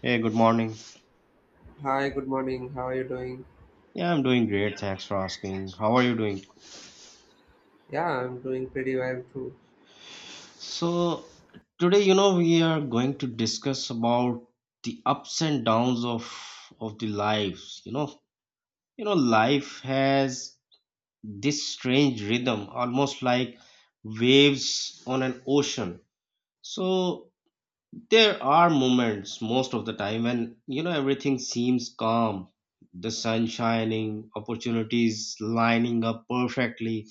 Hey, good morning. Hi, good morning. How are you doing? Yeah, I'm doing great. Thanks for asking. How are you doing? Yeah, I'm doing pretty well too. So, today, we are going to discuss about the ups and downs of the lives. Life has this strange rhythm, almost like waves on an ocean. So, there are moments most of the time when, everything seems calm, the sun shining, opportunities lining up perfectly,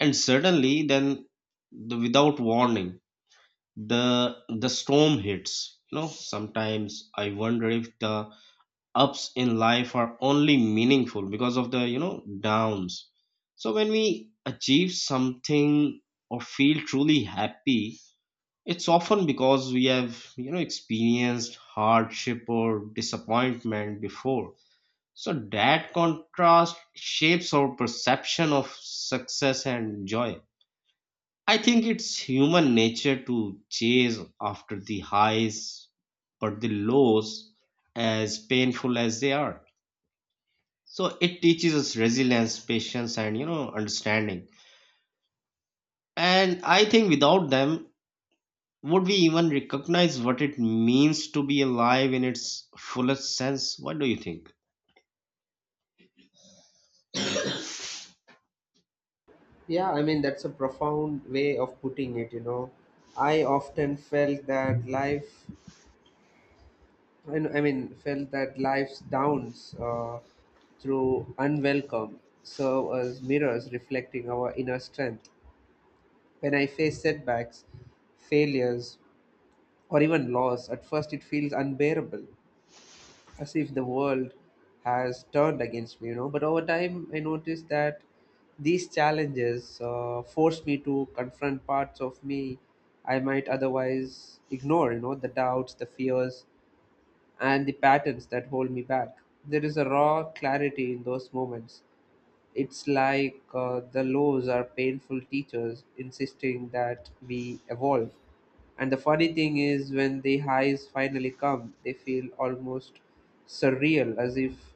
and suddenly then without warning, the the storm hits. Sometimes I wonder if the ups in life are only meaningful because of the downs. So when we achieve something or feel truly happy, it's often because we have experienced hardship or disappointment before. So that contrast shapes our perception of success and joy. I think it's human nature to chase after the highs, but the lows, as painful as they are. So it teaches us resilience, patience, and understanding. And I think without them, would we even recognize what it means to be alive in its fullest sense? What do you think? Yeah, that's a profound way of putting it. I often felt that life, I kn- I mean, felt that life's downs through unwelcome serve as mirrors reflecting our inner strength. When I face setbacks, failures, or even loss, at first it feels unbearable, as if the world has turned against me. But over time, I noticed that these challenges forced me to confront parts of me I might otherwise ignore, the doubts, the fears, and the patterns that hold me back. There is a raw clarity in those moments. It's like the laws are painful teachers insisting that we evolve. And the funny thing is, when the highs finally come, they feel almost surreal, as if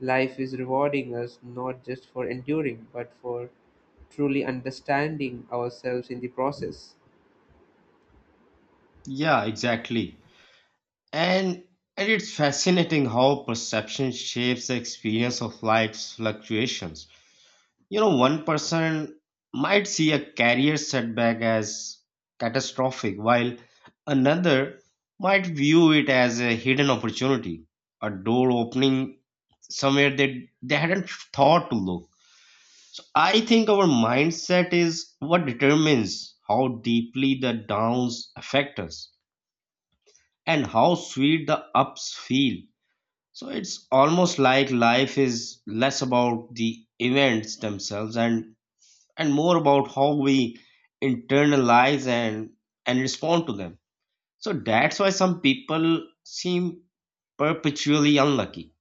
life is rewarding us not just for enduring, but for truly understanding ourselves in the process. Yeah, exactly. And and it's fascinating how perception shapes the experience of life's fluctuations. One person might see a career setback as catastrophic, while another might view it as a hidden opportunity, a door opening somewhere they hadn't thought to look. So I think our mindset is what determines how deeply the downs affect us and how sweet the ups feel. So it's almost like life is less about the events themselves and more about how we internalize and respond to them. So that's why some people seem perpetually unlucky,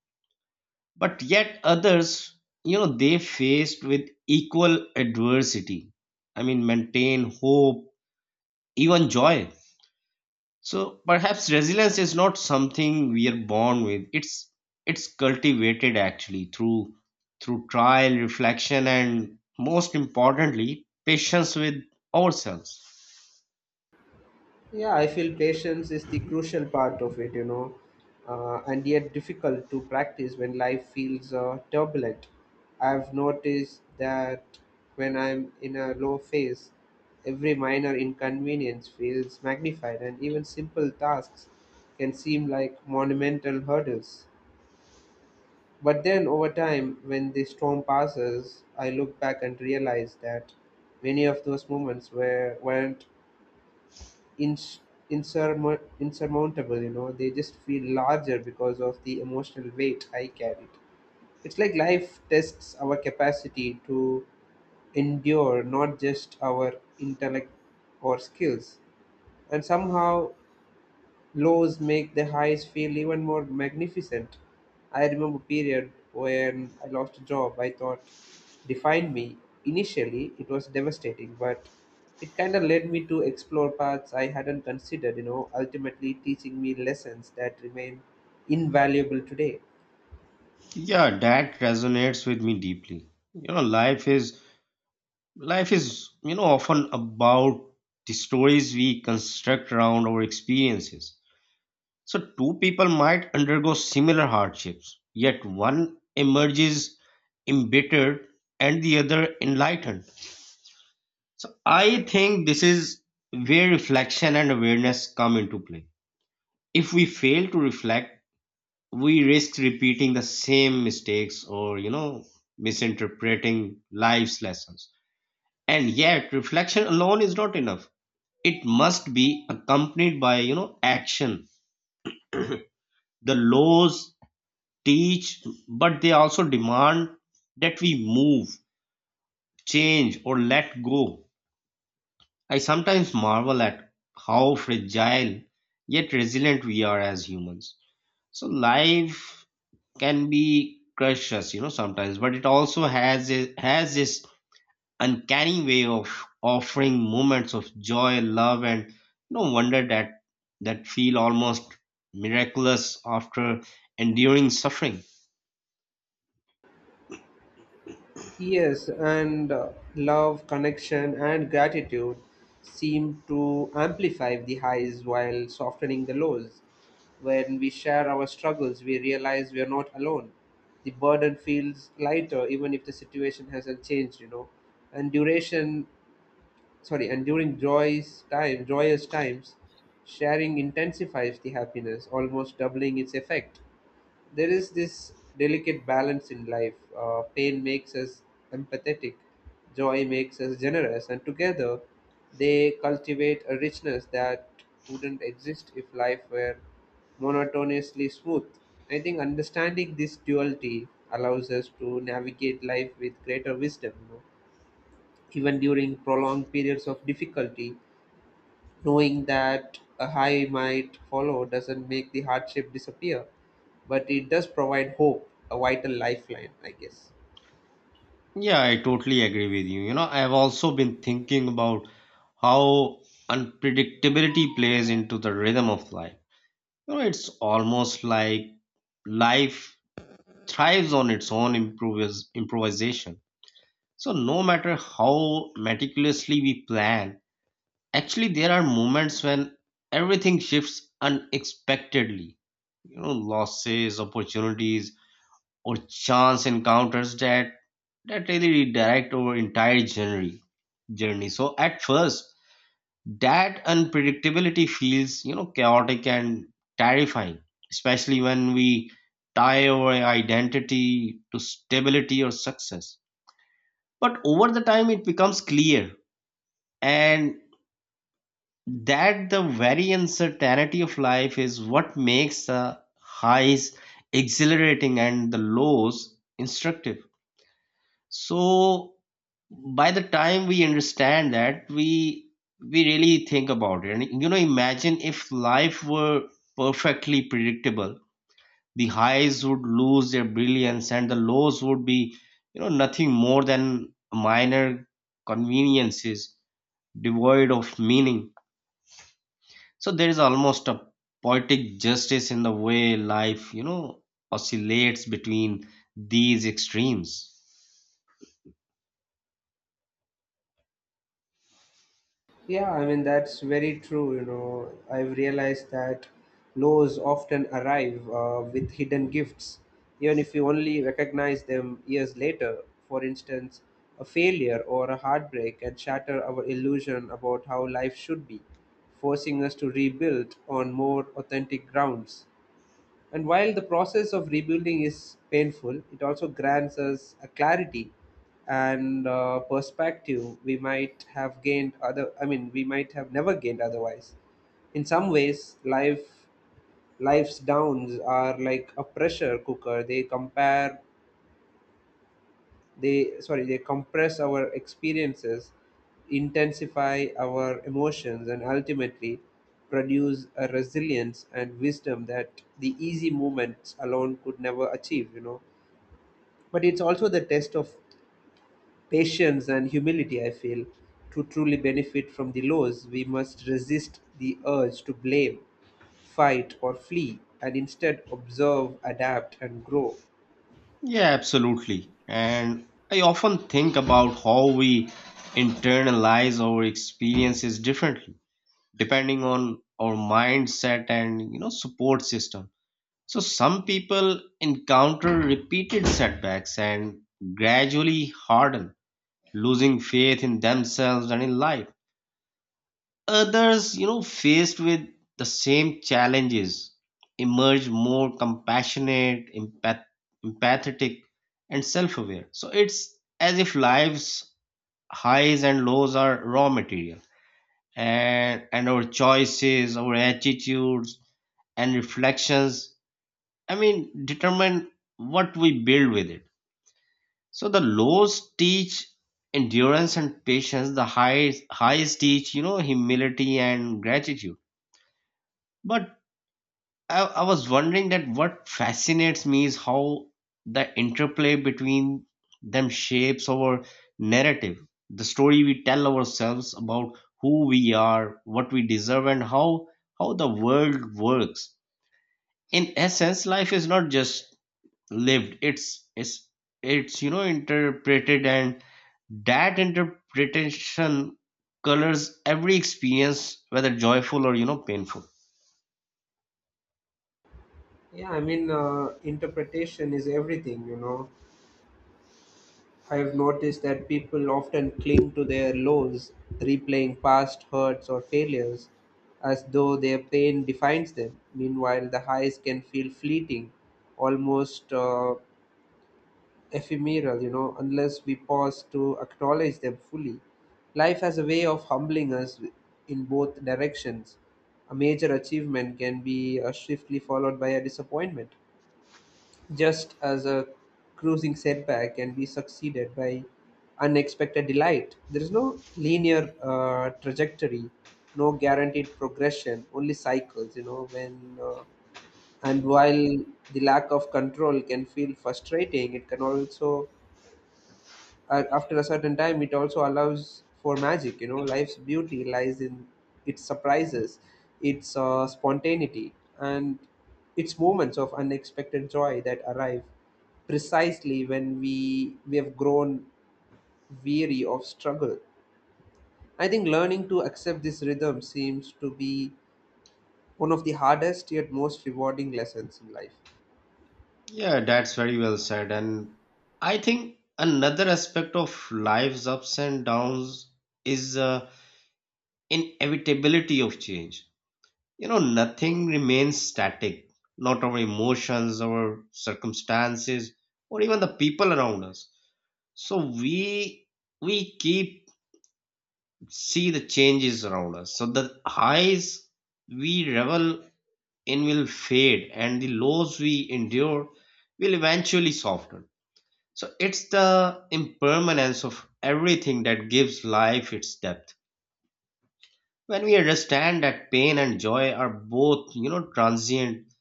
but yet others, they faced with equal adversity, I mean, maintain hope, even joy. So perhaps resilience is not something we are born with. It's cultivated actually through trial, reflection, and, most importantly, patience with ourselves. Yeah, I feel patience is the crucial part of it, and yet difficult to practice when life feels turbulent. I've noticed that when I'm in a low phase, every minor inconvenience feels magnified, and even simple tasks can seem like monumental hurdles. But then over time, when the storm passes, I look back and realize that many of those moments were, weren't ins- insurmo- insurmountable. They just feel larger because of the emotional weight I carried. It's like life tests our capacity to endure, not just our intellect or skills, and somehow laws make the highs feel even more magnificent. I remember a period when I lost a job I thought defined me. Initially, it was devastating, but it kind of led me to explore paths I hadn't considered, ultimately teaching me lessons that remain invaluable today. Yeah, that resonates with me deeply. Life is often about the stories we construct around our experiences. So two people might undergo similar hardships, yet one emerges embittered and the other enlightened. So I think this is where reflection and awareness come into play. If we fail to reflect, we risk repeating the same mistakes, or misinterpreting life's lessons. And yet reflection alone is not enough. It must be accompanied by action. The laws teach, but they also demand that we move, change, or let go. I sometimes marvel at how fragile yet resilient we are as humans. So life can be crushed us, sometimes, but it also has this uncanny way of offering moments of joy, love, and no wonder that feel almost miraculous after enduring suffering. Yes, and love, connection, and gratitude seem to amplify the highs while softening the lows. When we share our struggles, we realize we are not alone. The burden feels lighter, even if the situation hasn't changed. And duration, and during joyous times, sharing intensifies the happiness, almost doubling its effect. There is this delicate balance in life. Pain makes us empathetic, joy makes us generous, and together they cultivate a richness that wouldn't exist if life were monotonously smooth. I think understanding this duality allows us to navigate life with greater wisdom, even during prolonged periods of difficulty. Knowing that a high might follow doesn't make the hardship disappear, but it does provide hope, a vital lifeline, I guess. Yeah, I totally agree with you. You know I have also been thinking about how unpredictability plays into the rhythm of life. It's almost like life thrives on its own improvisation. So, no matter how meticulously we plan, actually, there are moments when everything shifts unexpectedly. Losses, opportunities, or chance encounters that really redirect our entire journey. So, at first, that unpredictability feels, chaotic and terrifying, especially when we tie our identity to stability or success. But over the time, it becomes clear and that the very uncertainty of life is what makes the highs exhilarating and the lows instructive. So by the time we understand that, we really think about it. And imagine if life were perfectly predictable. The highs would lose their brilliance, and the lows would be nothing more than minor conveniences, devoid of meaning. So there is almost a poetic justice in the way life, oscillates between these extremes. Yeah, that's very true. You know, I've realized that lows often arrive with hidden gifts, even if you only recognize them years later. For instance, a failure or a heartbreak can shatter our illusion about how life should be, forcing us to rebuild on more authentic grounds. And while the process of rebuilding is painful, it also grants us a clarity and perspective we might have gained other I mean we might have never gained otherwise. In some ways, life's downs are like a pressure cooker. They compare they sorry They compress our experiences, intensify our emotions, and ultimately produce a resilience and wisdom that the easy moments alone could never achieve, you know. But it's also the test of patience and humility, I feel. To truly benefit from the lows, we must resist the urge to blame, fight, or flee, and instead observe, adapt, and grow. Yeah, absolutely. And I often think about how we internalize our experiences differently, depending on our mindset and, support system. So some people encounter repeated setbacks and gradually harden, losing faith in themselves and in life. Others, faced with the same challenges, emerge more compassionate, empathetic, and self aware. So it's as if life's highs and lows are raw material, and our choices, our attitudes, and reflections, I mean, determine what we build with it. So the lows teach endurance and patience. The highs teach, humility and gratitude. But I was wondering that what fascinates me is how the interplay between them shapes our narrative, the story we tell ourselves about who we are, what we deserve, and how the world works. In essence, life is not just lived; it's interpreted, and that interpretation colors every experience, whether joyful or painful. Yeah, interpretation is everything, you know. I've noticed that people often cling to their lows, replaying past hurts or failures as though their pain defines them. Meanwhile, the highs can feel fleeting, almost ephemeral, unless we pause to acknowledge them fully. Life has a way of humbling us in both directions. A major achievement can be swiftly followed by a disappointment. Just as a cruising setback can be succeeded by unexpected delight, there is no linear trajectory, no guaranteed progression, only cycles, you know, when and while the lack of control can feel frustrating, it can also, after a certain time, it also allows for magic. You know, life's beauty lies in its surprises, its spontaneity, and its moments of unexpected joy that arrive precisely when we have grown weary of struggle. I think learning to accept this rhythm seems to be one of the hardest yet most rewarding lessons in life. Yeah, that's very well said. And I think another aspect of life's ups and downs is, inevitability of change. You know, nothing remains static, not our emotions, our circumstances, or even the people around us. So we keep see the changes around us. So the highs we revel in will fade, and the lows we endure will eventually soften. So it's the impermanence of everything that gives life its depth. When we understand that pain and joy are both, transient,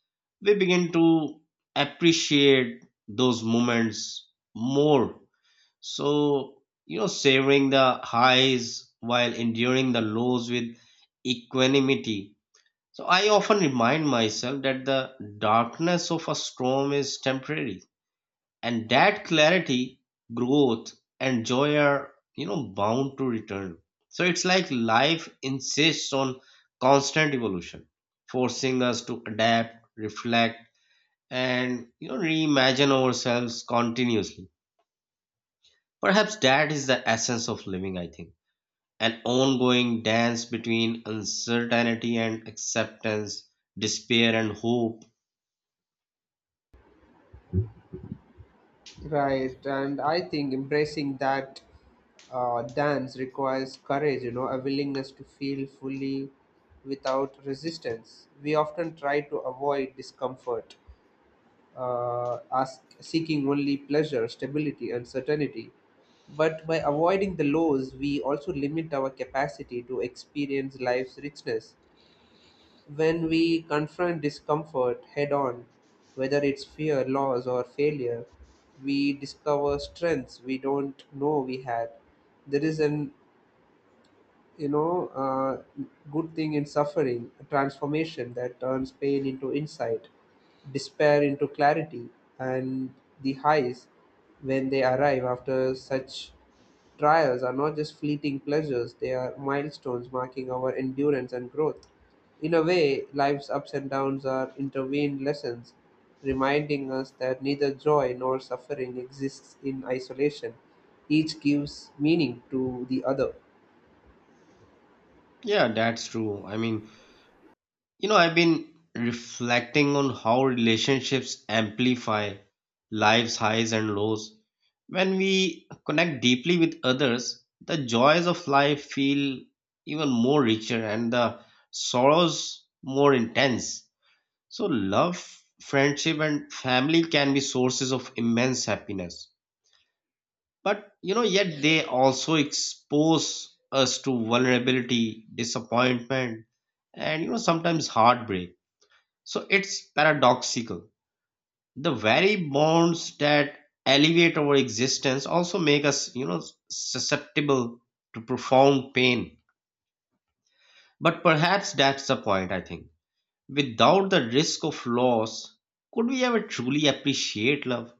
we begin to appreciate those moments more. So, savoring the highs while enduring the lows with equanimity. So I often remind myself that the darkness of a storm is temporary, and that clarity, growth, and joy are bound to return. So it's like life insists on constant evolution, forcing us to adapt, reflect, and reimagine ourselves continuously. Perhaps that is the essence of living, I think, an ongoing dance between uncertainty and acceptance, despair and hope. Right, and I think embracing that dance requires courage, a willingness to feel fully without resistance. We often try to avoid discomfort, seeking only pleasure, stability, and certainty. But by avoiding the lows, we also limit our capacity to experience life's richness. When we confront discomfort head on, whether it's fear, loss, or failure, we discover strengths we don't know we had. There is an you know, uh, good thing in suffering, a transformation that turns pain into insight, despair into clarity, and the highs, when they arrive after such trials, are not just fleeting pleasures, they are milestones marking our endurance and growth. In a way, life's ups and downs are intervened lessons, reminding us that neither joy nor suffering exists in isolation. Each gives meaning to the other. Yeah, that's true. I mean, I've been reflecting on how relationships amplify life's highs and lows. When we connect deeply with others, the joys of life feel even more richer, and the sorrows more intense. So, love, friendship, and family can be sources of immense happiness. But, yet they also expose us to vulnerability, disappointment, and, sometimes heartbreak. So it's paradoxical. The very bonds that elevate our existence also make us, susceptible to profound pain. But perhaps that's the point, I think. Without the risk of loss, could we ever truly appreciate love?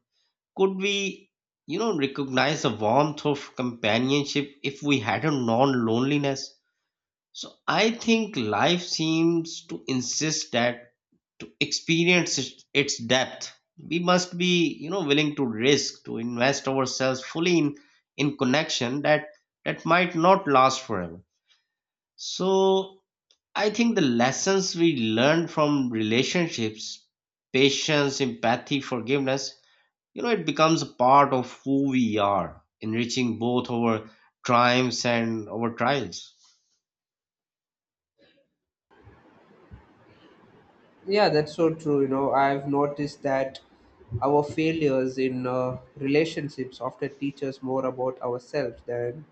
Could we, recognize the warmth of companionship if we hadn't known loneliness? So I think life seems to insist that, to experience its depth, we must be, willing to risk, to invest ourselves fully in connection that might not last forever. So I think the lessons we learned from relationships, patience, empathy, forgiveness, it becomes a part of who we are, enriching both our triumphs and our trials. Yeah, that's so true. You know, I've noticed that our failures in relationships often teach us more about ourselves than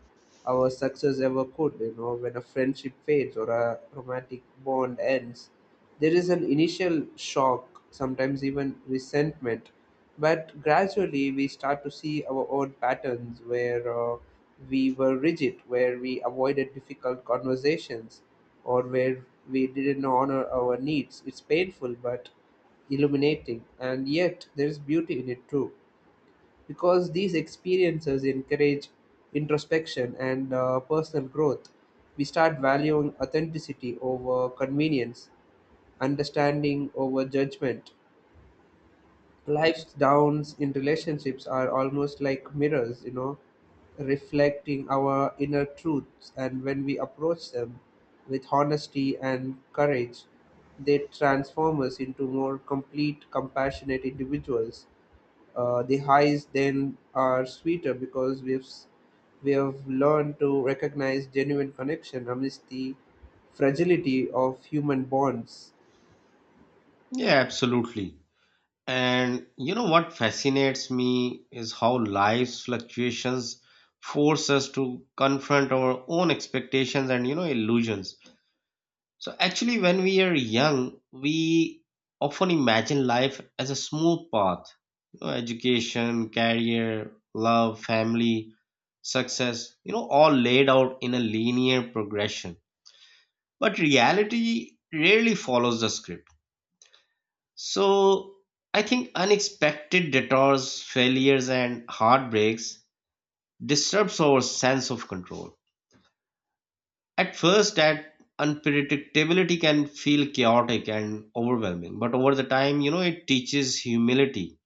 our success ever could. You know, when a friendship fades or a romantic bond ends, there is an initial shock, sometimes even resentment, but gradually we start to see our own patterns, where we were rigid, where we avoided difficult conversations, or where we didn't honor our needs. It's painful but illuminating, and yet there is beauty in it too, because these experiences encourage introspection and personal growth. We start valuing authenticity over convenience, understanding over judgment. Life's downs in relationships are almost like mirrors, reflecting our inner truths. And when we approach them with honesty and courage, they transform us into more complete, compassionate individuals. The highs then are sweeter because we have learned to recognize genuine connection amidst the fragility of human bonds. Yeah, absolutely. And you know what fascinates me is how life's fluctuations force us to confront our own expectations and illusions. So actually when we are young, we often imagine life as a smooth path. Education, career, love, family, success, all laid out in a linear progression. But reality rarely follows the script. So I think unexpected detours, failures, and heartbreaks disturbs our sense of control. At first, that unpredictability can feel chaotic and overwhelming, but over the time, it teaches humility,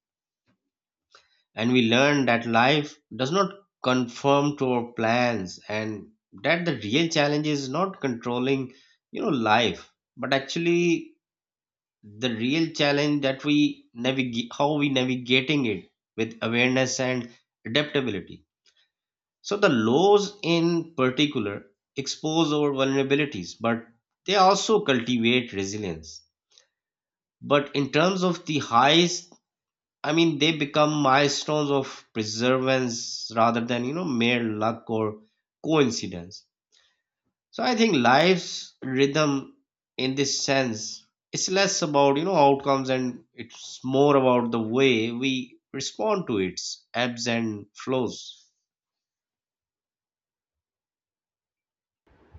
and we learn that life does not conform to our plans, and that the real challenge is not controlling, life, but actually the real challenge that we navigate how we navigating it with awareness and adaptability. So the laws in particular expose our vulnerabilities, but they also cultivate resilience. But in terms of the highs, I mean, they become milestones of perseverance rather than mere luck or coincidence. So I think life's rhythm in this sense is less about outcomes, and it's more about the way we respond to its ebbs and flows.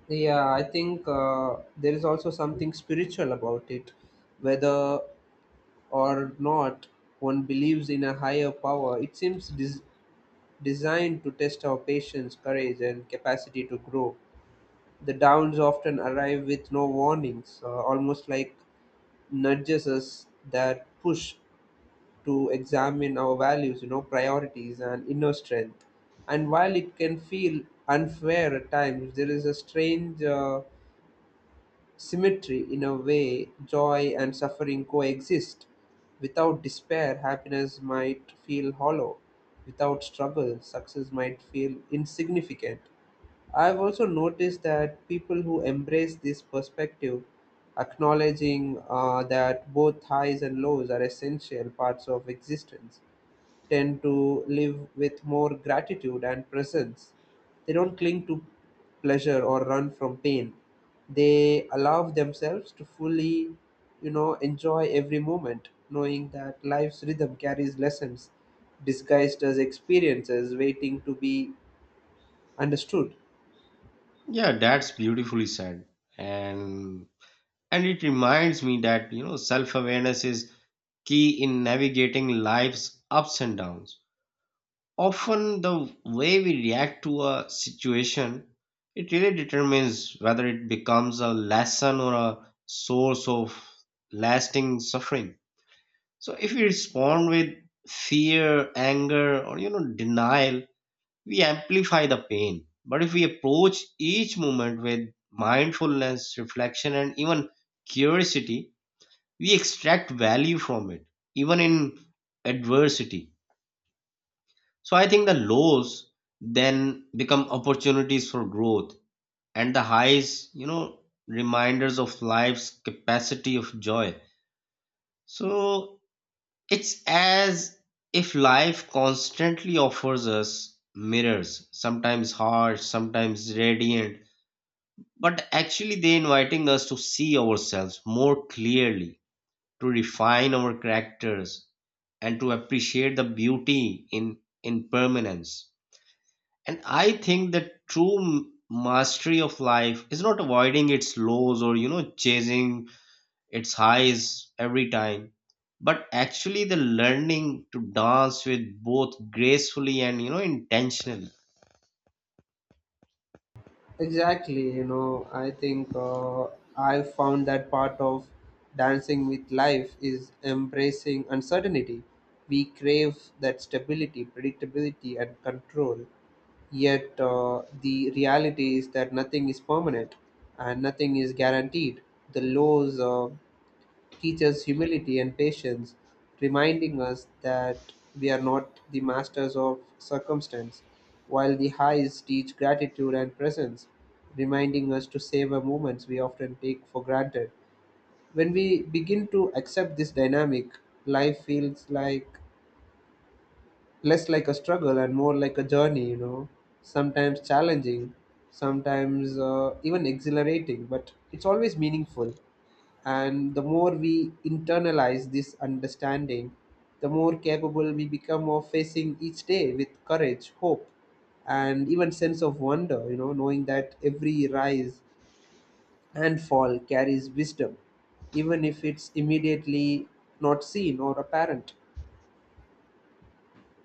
Yeah, I think there is also something spiritual about it. Whether or not one believes in a higher power, it seems designed to test our patience, courage, and capacity to grow. The downs often arrive with no warnings, almost like nudges us that push to examine our values, priorities, and inner strength. And while it can feel unfair at times, there is a strange symmetry in a way joy and suffering coexist. Without despair, happiness might feel hollow. Without struggle, success might feel insignificant. I've also noticed that people who embrace this perspective, acknowledging that both highs and lows are essential parts of existence, tend to live with more gratitude and presence. They don't cling to pleasure or run from pain. They allow themselves to fully, enjoy every moment, knowing that life's rhythm carries lessons disguised as experiences waiting to be understood. Yeah, that's beautifully said. And and it reminds me that self-awareness is key in navigating life's ups and downs. Often the way we react to a situation, it really determines whether it becomes a lesson or a source of lasting suffering. So if we respond with fear, anger, or denial, we amplify the pain. But if we approach each moment with mindfulness, reflection, and even curiosity, we extract value from it, even in adversity. So I think the lows then become opportunities for growth, and the highs, reminders of life's capacity of joy. So it's as if life constantly offers us mirrors, sometimes harsh, sometimes radiant, but actually they inviting us to see ourselves more clearly, to refine our characters, and to appreciate the beauty in impermanence. And I think the true mastery of life is not avoiding its lows or, chasing its highs every time, but actually the learning to dance with both gracefully and, intentionally. Exactly, you know, I think I found that part of dancing with life is embracing uncertainty. We crave that stability, predictability, and control. Yet the reality is that nothing is permanent and nothing is guaranteed. The lows teaches humility and patience, reminding us that we are not the masters of circumstance, while the highs teach gratitude and presence, reminding us to savor moments we often take for granted. When we begin to accept this dynamic, life feels less like a struggle and more like a journey, sometimes challenging, sometimes even exhilarating, but it's always meaningful. And the more we internalize this understanding, the more capable we become of facing each day with courage, hope, and even sense of wonder, knowing that every rise and fall carries wisdom, even if it's immediately not seen or apparent.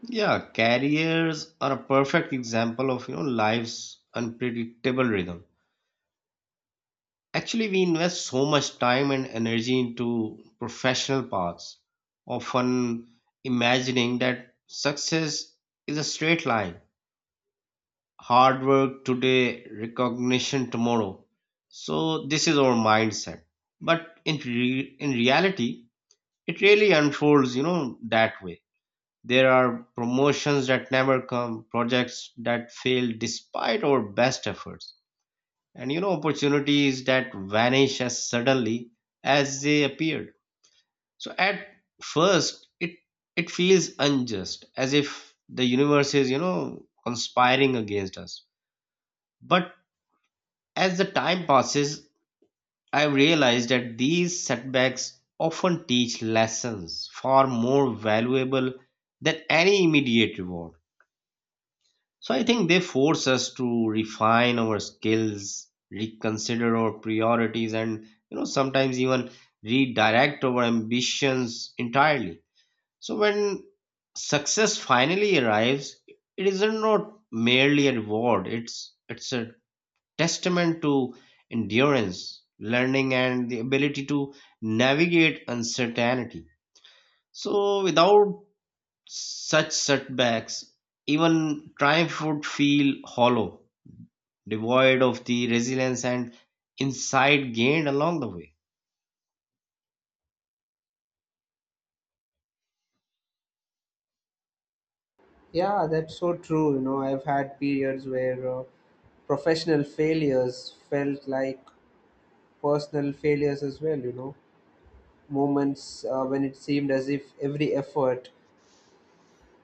Yeah, careers are a perfect example of, life's unpredictable rhythm. Actually, we invest so much time and energy into professional paths, often imagining that success is a straight line, hard work today, recognition tomorrow. So this is our mindset. But in reality, it really unfolds, that way. There are promotions that never come, projects that fail despite our best efforts, and opportunities that vanish as suddenly as they appeared. So at first, it feels unjust, as if the universe is, conspiring against us. But as the time passes, I've realized that these setbacks often teach lessons far more valuable than any immediate reward. So I think they force us to refine our skills, reconsider our priorities, and sometimes even redirect our ambitions entirely. So when success finally arrives, it is not merely a reward; it's a testament to endurance, learning, and the ability to navigate uncertainty. So, without such setbacks, even triumph would feel hollow, devoid of the resilience and insight gained along the way. Yeah, that's so true. You know, I've had periods where professional failures felt like personal failures as well, you know, moments when it seemed as if every effort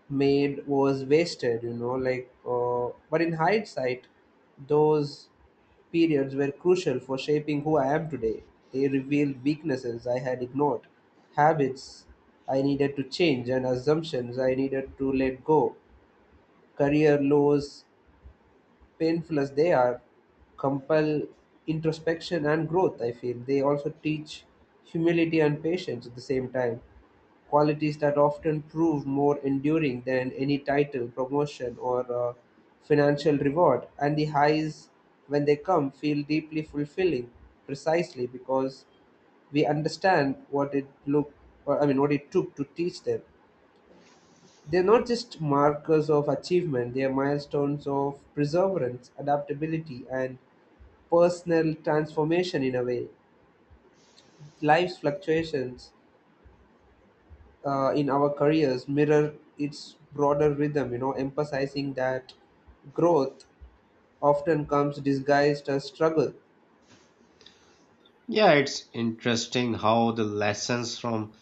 made was wasted, you know, but in hindsight those periods were crucial for shaping who I am today. They revealed weaknesses I had ignored, habits I needed to change, and assumptions I needed to let go. Career lows, painful as they are, compel introspection and growth, I feel. They also teach humility and patience at the same time, qualities that often prove more enduring than any title, promotion, or financial reward. And the highs, when they come, feel deeply fulfilling precisely because we understand what it look or I mean what it took to teach them. They're not just markers of achievement, they are milestones of perseverance, adaptability, and personal transformation. In a way, life's fluctuations in our careers mirror its broader rhythm, you know, emphasizing that growth often comes disguised as struggle. Yeah, it's interesting how the lessons from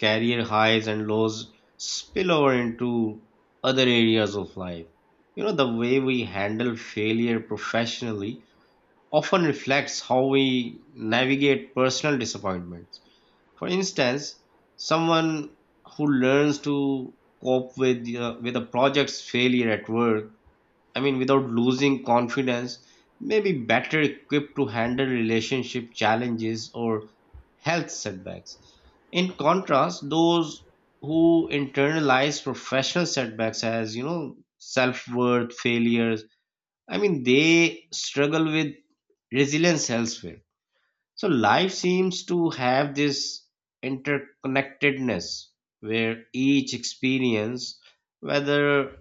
career highs and lows spill over into other areas of life. The way we handle failure professionally often reflects how we navigate personal disappointments. For instance, someone who learns to cope with a project's failure at work, I mean, without losing confidence, may be better equipped to handle relationship challenges or health setbacks. In contrast, those who internalize professional setbacks as self-worth failures, I mean, they struggle with resilience elsewhere. So life seems to have this interconnectedness where each experience, whether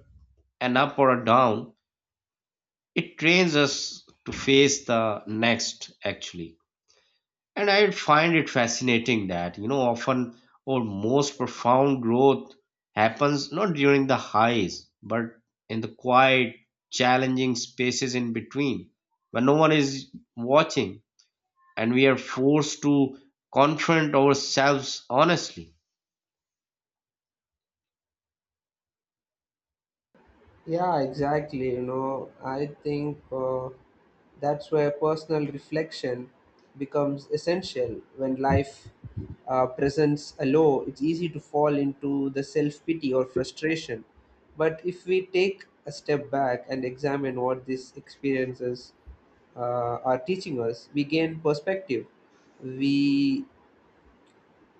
an up or a down, it trains us to face the next actually. And I find it fascinating that, often our most profound growth happens not during the highs, but in the quiet, challenging spaces in between, when no one is watching and we are forced to confront ourselves honestly. Yeah, exactly. You know, I think that's where personal reflection becomes essential. When life presents a low, it's easy to fall into the self pity or frustration. But if we take a step back and examine what these experiences are teaching us, we gain perspective. We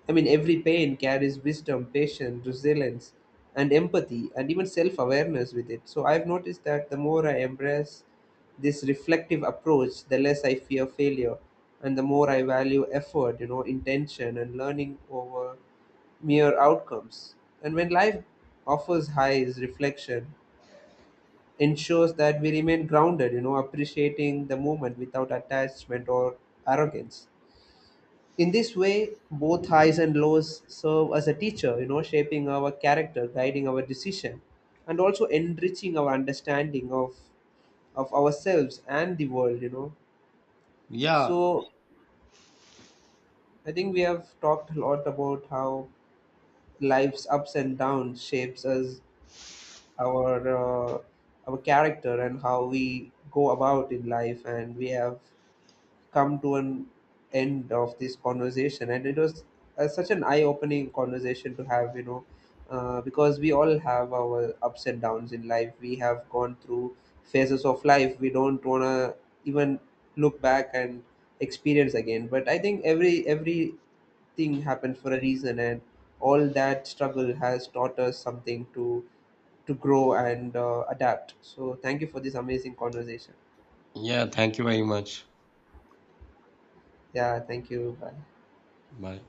every pain carries wisdom, patience, resilience, and empathy, and even self awareness with it. So, I've noticed that the more I embrace this reflective approach, the less I fear failure, and the more I value effort, intention, and learning over mere outcomes. And when life offers highs, reflection ensures that we remain grounded, appreciating the moment without attachment or arrogance. In this way, both highs and lows serve as a teacher, you know, shaping our character, guiding our decision, and also enriching our understanding of ourselves and the world, you know. Yeah, So I think we have talked a lot about how life's ups and downs shapes us, our uh, our character and how we go about in life, and we have come to an end of this conversation. And it was such an eye-opening conversation to have, you know, because we all have our ups and downs in life. We have gone through phases of life we don't want to even look back and experience again, but I think everything happens for a reason, and all that struggle has taught us something to grow and adapt. So thank you for this amazing conversation. yeah, thank you very much. Yeah, thank you. Bye. Bye.